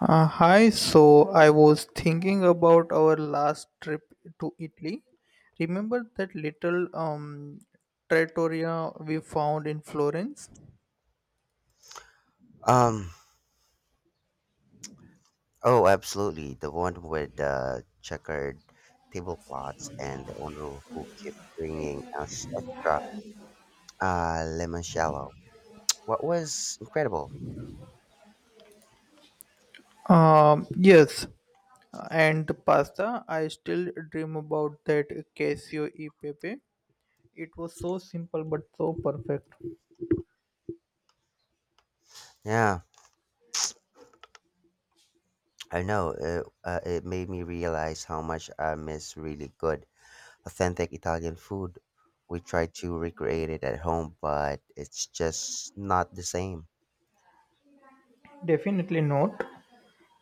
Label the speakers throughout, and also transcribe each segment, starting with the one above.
Speaker 1: Hi, so I was thinking about our last trip to Italy. Remember that little trattoria we found in Florence?
Speaker 2: Um. Oh, absolutely. The one with the checkered tablecloths and the owner who kept bringing us extra lemon shallow. What was incredible.
Speaker 1: Yes, and the pasta. I still dream about that casio e pepe. It was so simple but so perfect.
Speaker 2: Yeah, I know. It made me realize how much I miss really good, authentic Italian food. We try to recreate it at home, but it's just not the same.
Speaker 1: Definitely not.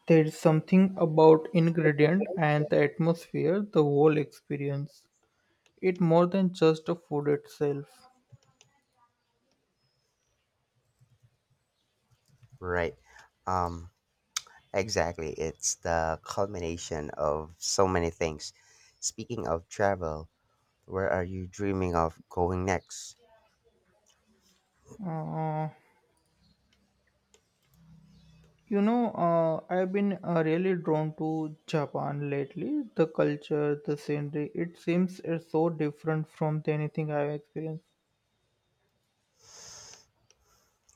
Speaker 1: There is something about ingredient and the atmosphere, the whole experience. It more than just the food itself.
Speaker 2: Right. Um. Exactly. It's the culmination of so many things. Speaking of travel, where are you dreaming of going next?
Speaker 1: Uh, you know, I've been really drawn to Japan lately. The culture, the scenery, it seems it's so different from the anything I've experienced.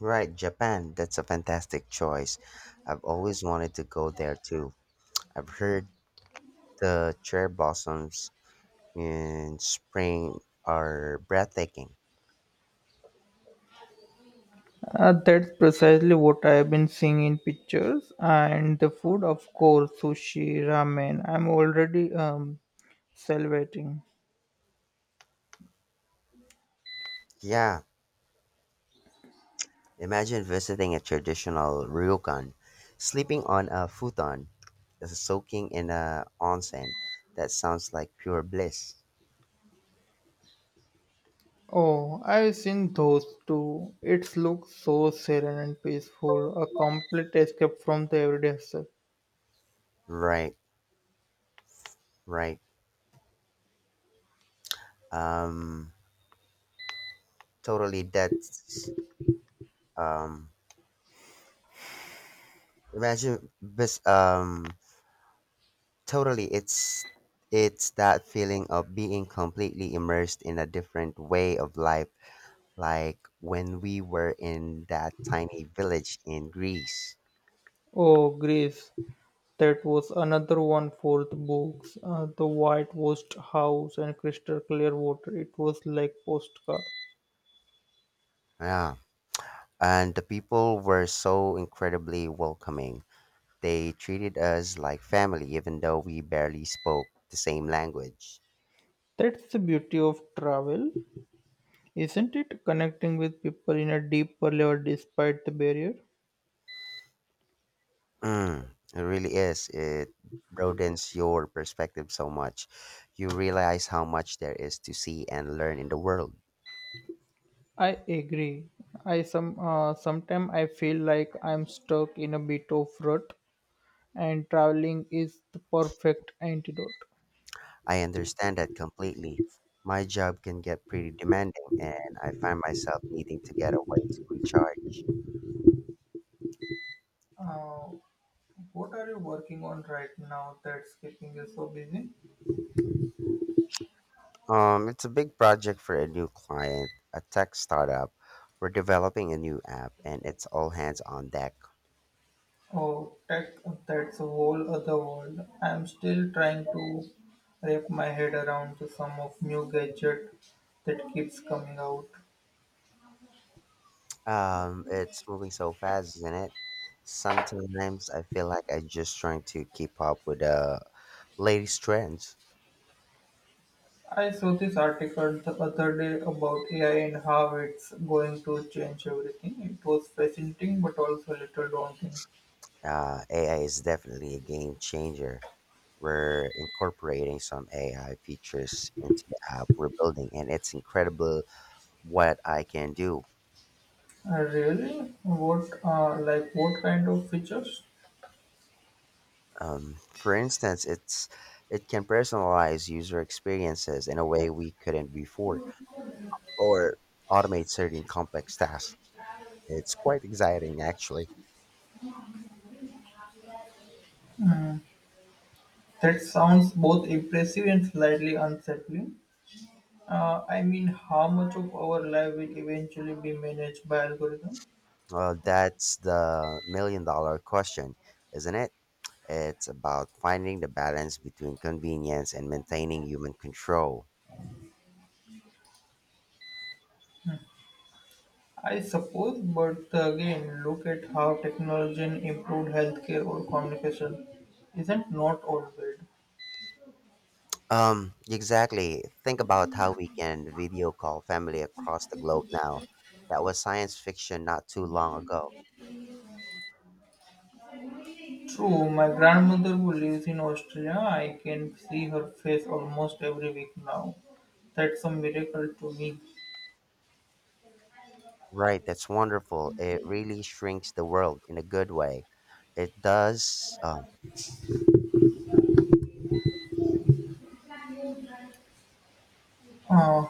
Speaker 2: Right, Japan. That's a fantastic choice. I've always wanted to go there too. I've heard the cherry blossoms in spring are breathtaking.
Speaker 1: That's precisely what I've been seeing in pictures. And the food, of course, sushi, ramen. I'm already salivating.
Speaker 2: Yeah, imagine visiting a traditional ryokan, sleeping on a futon, soaking in a onsen. That sounds like pure bliss.
Speaker 1: Oh, I've seen those too. It looks so serene and peaceful, a complete escape from the everyday hustle.
Speaker 2: Right. Right. Um totally that's um imagine this totally it's that feeling of being completely immersed in a different way of life, like when we were in that tiny village in Greece.
Speaker 1: Oh, Greece. That was another one for the books. The whitewashed house and crystal clear water. It was like postcard.
Speaker 2: Yeah. And the people were so incredibly welcoming. They treated us like family even though we barely spoke the same language.
Speaker 1: That's the beauty of travel, isn't it? Connecting with people in a deeper level despite the barrier.
Speaker 2: Mm, it really is. It broadens your perspective so much. You realize how much there is to see and learn in the world.
Speaker 1: I agree. I some sometimes I feel like I'm stuck in a bit of rut, and traveling is the perfect antidote.
Speaker 2: I understand that completely. My job can get pretty demanding, and I find myself needing to get away to recharge.
Speaker 1: Uh, what are you working on right now that's keeping you so busy?
Speaker 2: It's a big project for a new client, a tech startup. We're developing a new app, and it's all hands on deck.
Speaker 1: Oh, tech, that's a whole other world. I'm still trying to wrap my head around the sum of new gadget that keeps coming out.
Speaker 2: It's moving so fast, isn't it? Sometimes I feel like I'm just trying to keep up with the latest trends.
Speaker 1: I saw this article the other day about AI and how it's going to change everything. It was fascinating but also a little daunting.
Speaker 2: AI is definitely a game changer. We're incorporating some AI features into the app we're building, and it's incredible what I can do.
Speaker 1: Really? What, like, what kind of features?
Speaker 2: For instance, it can personalize user experiences in a way we couldn't before, or automate certain complex tasks. It's quite exciting, actually.
Speaker 1: Hmm. That sounds both impressive and slightly unsettling. I mean, how much of our life will eventually be managed by algorithm?
Speaker 2: Well, that's the million-dollar question, isn't it? It's about finding the balance between convenience and maintaining human control.
Speaker 1: I suppose, but again, look at how technology improved healthcare or communication. Isn't not all bad?
Speaker 2: Exactly. Think about how we can video call family across the globe now. That was science fiction not too long ago.
Speaker 1: True, my grandmother who lives in Australia, I can see her face almost every week now. That's a miracle to me.
Speaker 2: Right, that's wonderful. It really shrinks the world in a good way. It does.
Speaker 1: Uh,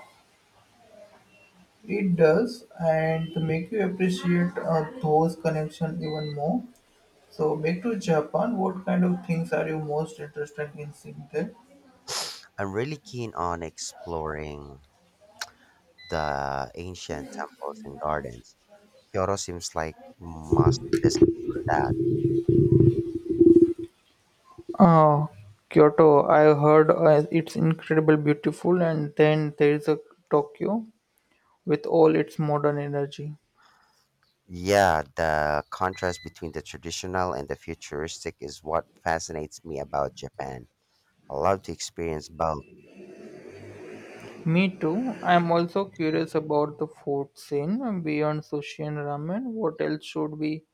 Speaker 1: it does, and to make you appreciate those connections even more. So back to Japan, what kind of things are you most interested in seeing there?
Speaker 2: I'm really keen on exploring the ancient temples and gardens. Kyoto seems like must visit for that.
Speaker 1: Uh, Kyoto, I heard it's incredible beautiful, and then there is a Tokyo with all its modern energy.
Speaker 2: Yeah, the contrast between the traditional and the futuristic is what fascinates me about Japan. I love to experience both.
Speaker 1: Me too. I'm also curious about the food scene beyond sushi and ramen. What else should we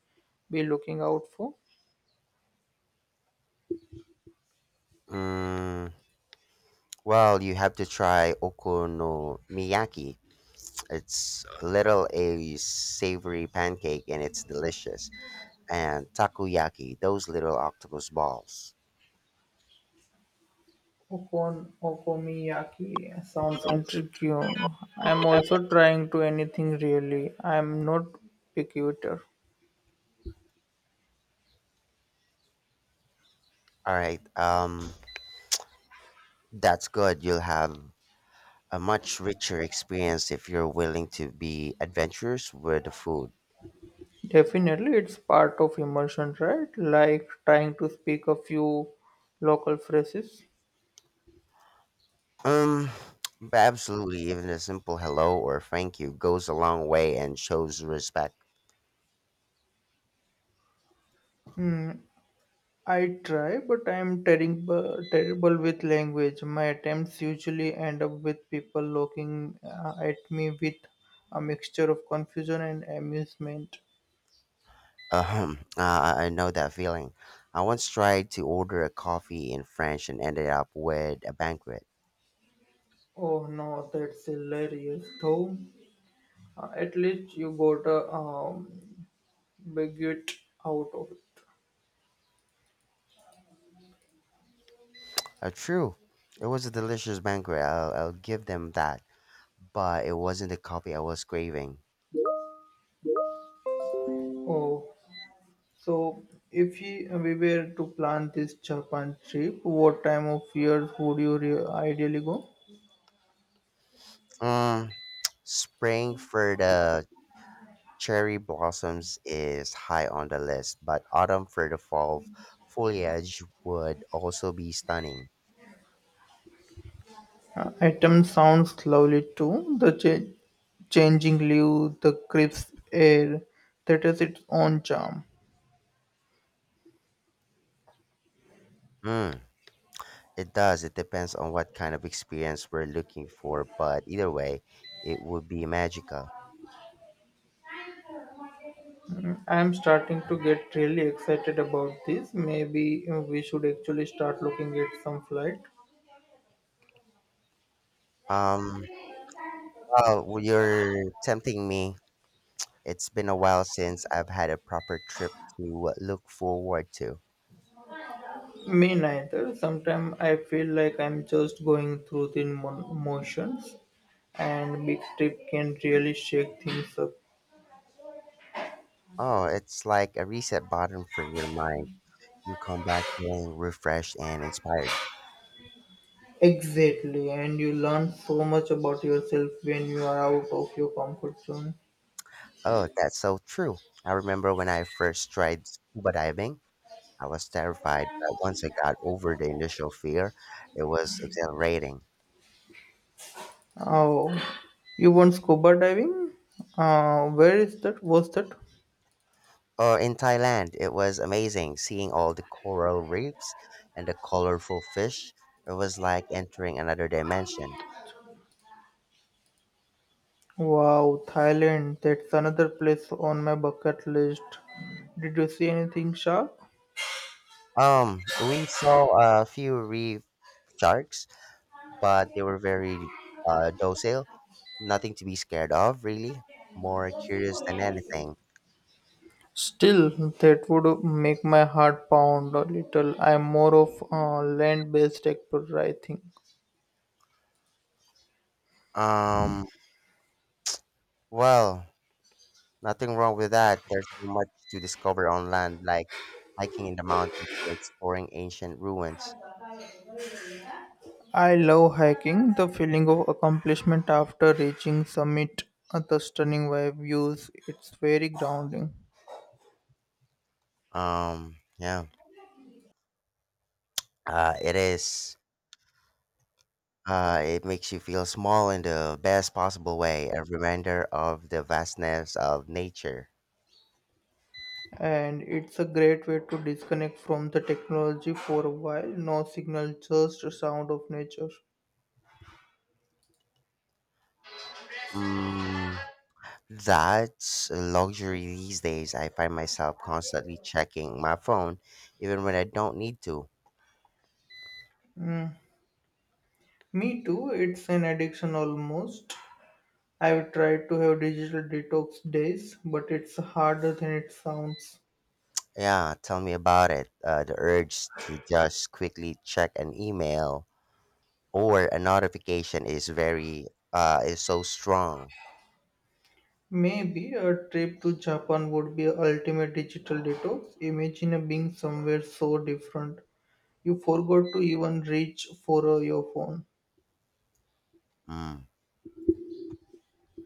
Speaker 1: be looking out for?
Speaker 2: Mm, well, you have to try okonomiyaki. It's a little a savory pancake and it's delicious. And takoyaki, those little octopus balls.
Speaker 1: Okonomiyaki sounds intriguing. I'm also trying to anything really. I'm not picky eater.
Speaker 2: All right, that's good. You'll have a much richer experience if you're willing to be adventurous with the food.
Speaker 1: Definitely, it's part of immersion, right? Like trying to speak a few local phrases.
Speaker 2: Um, but absolutely, even a simple hello or thank you goes a long way and shows respect.
Speaker 1: Hmm, I try, but I'm terrible, terrible with language. My attempts usually end up with people looking at me with a mixture of confusion and amusement.
Speaker 2: Um, uh, I know that feeling. I once tried to order a coffee in French and ended up with a banquet.
Speaker 1: Oh no, that's hilarious, though. At least you got a baguette out of it.
Speaker 2: True, it was a delicious banquet. I'll give them that. But it wasn't the coffee I was craving.
Speaker 1: Oh, so, if he, we were to plan this Japan trip, what time of year would you ideally go?
Speaker 2: Um, Spring for the cherry blossoms is high on the list, but autumn for the fall foliage would also be stunning.
Speaker 1: Item sounds lovely too. The changing leaves, the crisp air, that has its own charm.
Speaker 2: Mm, it does. It depends on what kind of experience we're looking for, but either way, it would be magical.
Speaker 1: Mm, I'm starting to get really excited about this. Maybe we should actually start looking at some flight.
Speaker 2: Um, well, you're tempting me. It's been a while since I've had a proper trip to look forward to.
Speaker 1: Me neither. Sometimes I feel like I'm just going through the motions, and big trip can really shake things up.
Speaker 2: Oh, it's like a reset button for your mind. You come back feeling refreshed and inspired.
Speaker 1: Exactly, and you learn so much about yourself when you are out of your comfort zone.
Speaker 2: Oh, that's so true. I remember when I first tried scuba diving, I was terrified, but once I got over the initial fear, it was exhilarating.
Speaker 1: Oh, you want scuba diving? Where is that? What's that?
Speaker 2: Or in Thailand, it was amazing seeing all the coral reefs and the colorful fish. It was like entering another dimension.
Speaker 1: Wow, Thailand. That's another place on my bucket list. Did you see anything sharp?
Speaker 2: We saw a few reef sharks, but they were very docile, nothing to be scared of, really. More curious than anything.
Speaker 1: Still, that would make my heart pound a little. I'm more of a land based explorer. I think.
Speaker 2: Um, well, Nothing wrong with that. There's so much to discover on land, like hiking in the mountains or exploring ancient ruins.
Speaker 1: I love hiking, the feeling of accomplishment after reaching summit, the stunning views. It's very grounding.
Speaker 2: Yeah, it is. It makes you feel small in the best possible way, a reminder of the vastness of nature.
Speaker 1: And it's a great way to disconnect from the technology for a while. No signal, just the sound of nature.
Speaker 2: Mm, that's a luxury these days. I find myself constantly checking my phone, even when I don't need to.
Speaker 1: Mm. Me too, it's an addiction almost. I've tried to have digital detox days, but it's harder than it sounds.
Speaker 2: Yeah, tell me about it. The urge to just quickly check an email or a notification is very is so strong.
Speaker 1: Maybe a trip to Japan would be a ultimate digital detox. Imagine being somewhere so different. You forgot to even reach for your phone.
Speaker 2: Mm.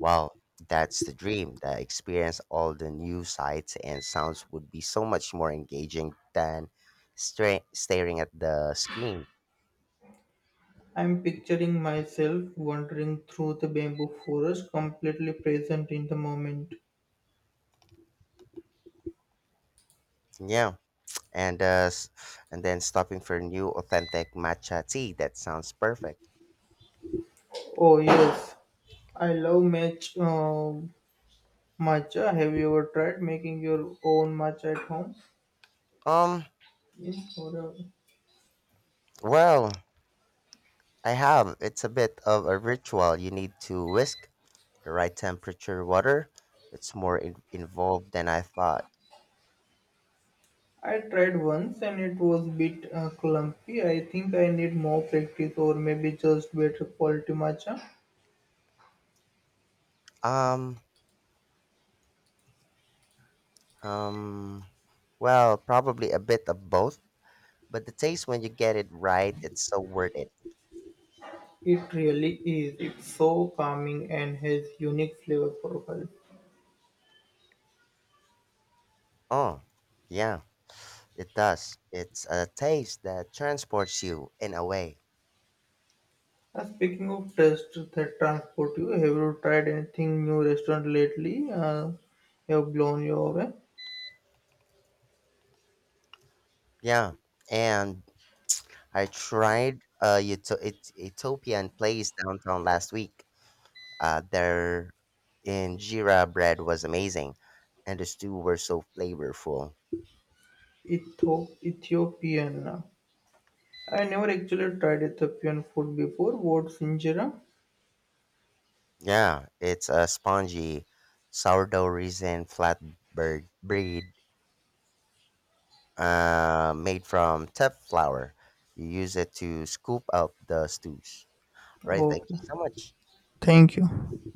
Speaker 2: Well, that's the dream. The experience all the new sights and sounds would be so much more engaging than staring at the screen.
Speaker 1: I'm picturing myself wandering through the bamboo forest, completely present in the moment.
Speaker 2: Yeah, and and then stopping for new authentic matcha tea. That sounds perfect.
Speaker 1: Oh, yes. I love matcha. Have you ever tried making your own matcha at home?
Speaker 2: Um,
Speaker 1: Yes,
Speaker 2: well, I have. It's a bit of a ritual. You need to whisk the right temperature water. It's more involved than I thought.
Speaker 1: I tried once and it was a bit clumpy. I think I need more practice or maybe just better quality matcha.
Speaker 2: Um, um, well, probably a bit of both, but the taste when you get it right, it's so worth it.
Speaker 1: It really is. It's so calming and has unique flavor profile.
Speaker 2: Oh, yeah, it does. It's a taste that transports you in a way.
Speaker 1: Speaking of taste that transport you, have you tried anything new restaurant lately? Have blown you away?
Speaker 2: Yeah, and I tried Ethiopian place downtown last week. Their injera bread was amazing, and the stew were so flavorful.
Speaker 1: Ethiopian. I never actually tried Ethiopian food before. What's injera?
Speaker 2: Yeah, it's a spongy sourdough raisin flatbread bread made from teff flour. You use it to scoop out the stews. Right. Thank
Speaker 1: Okay.
Speaker 2: you so much.
Speaker 1: Thank you.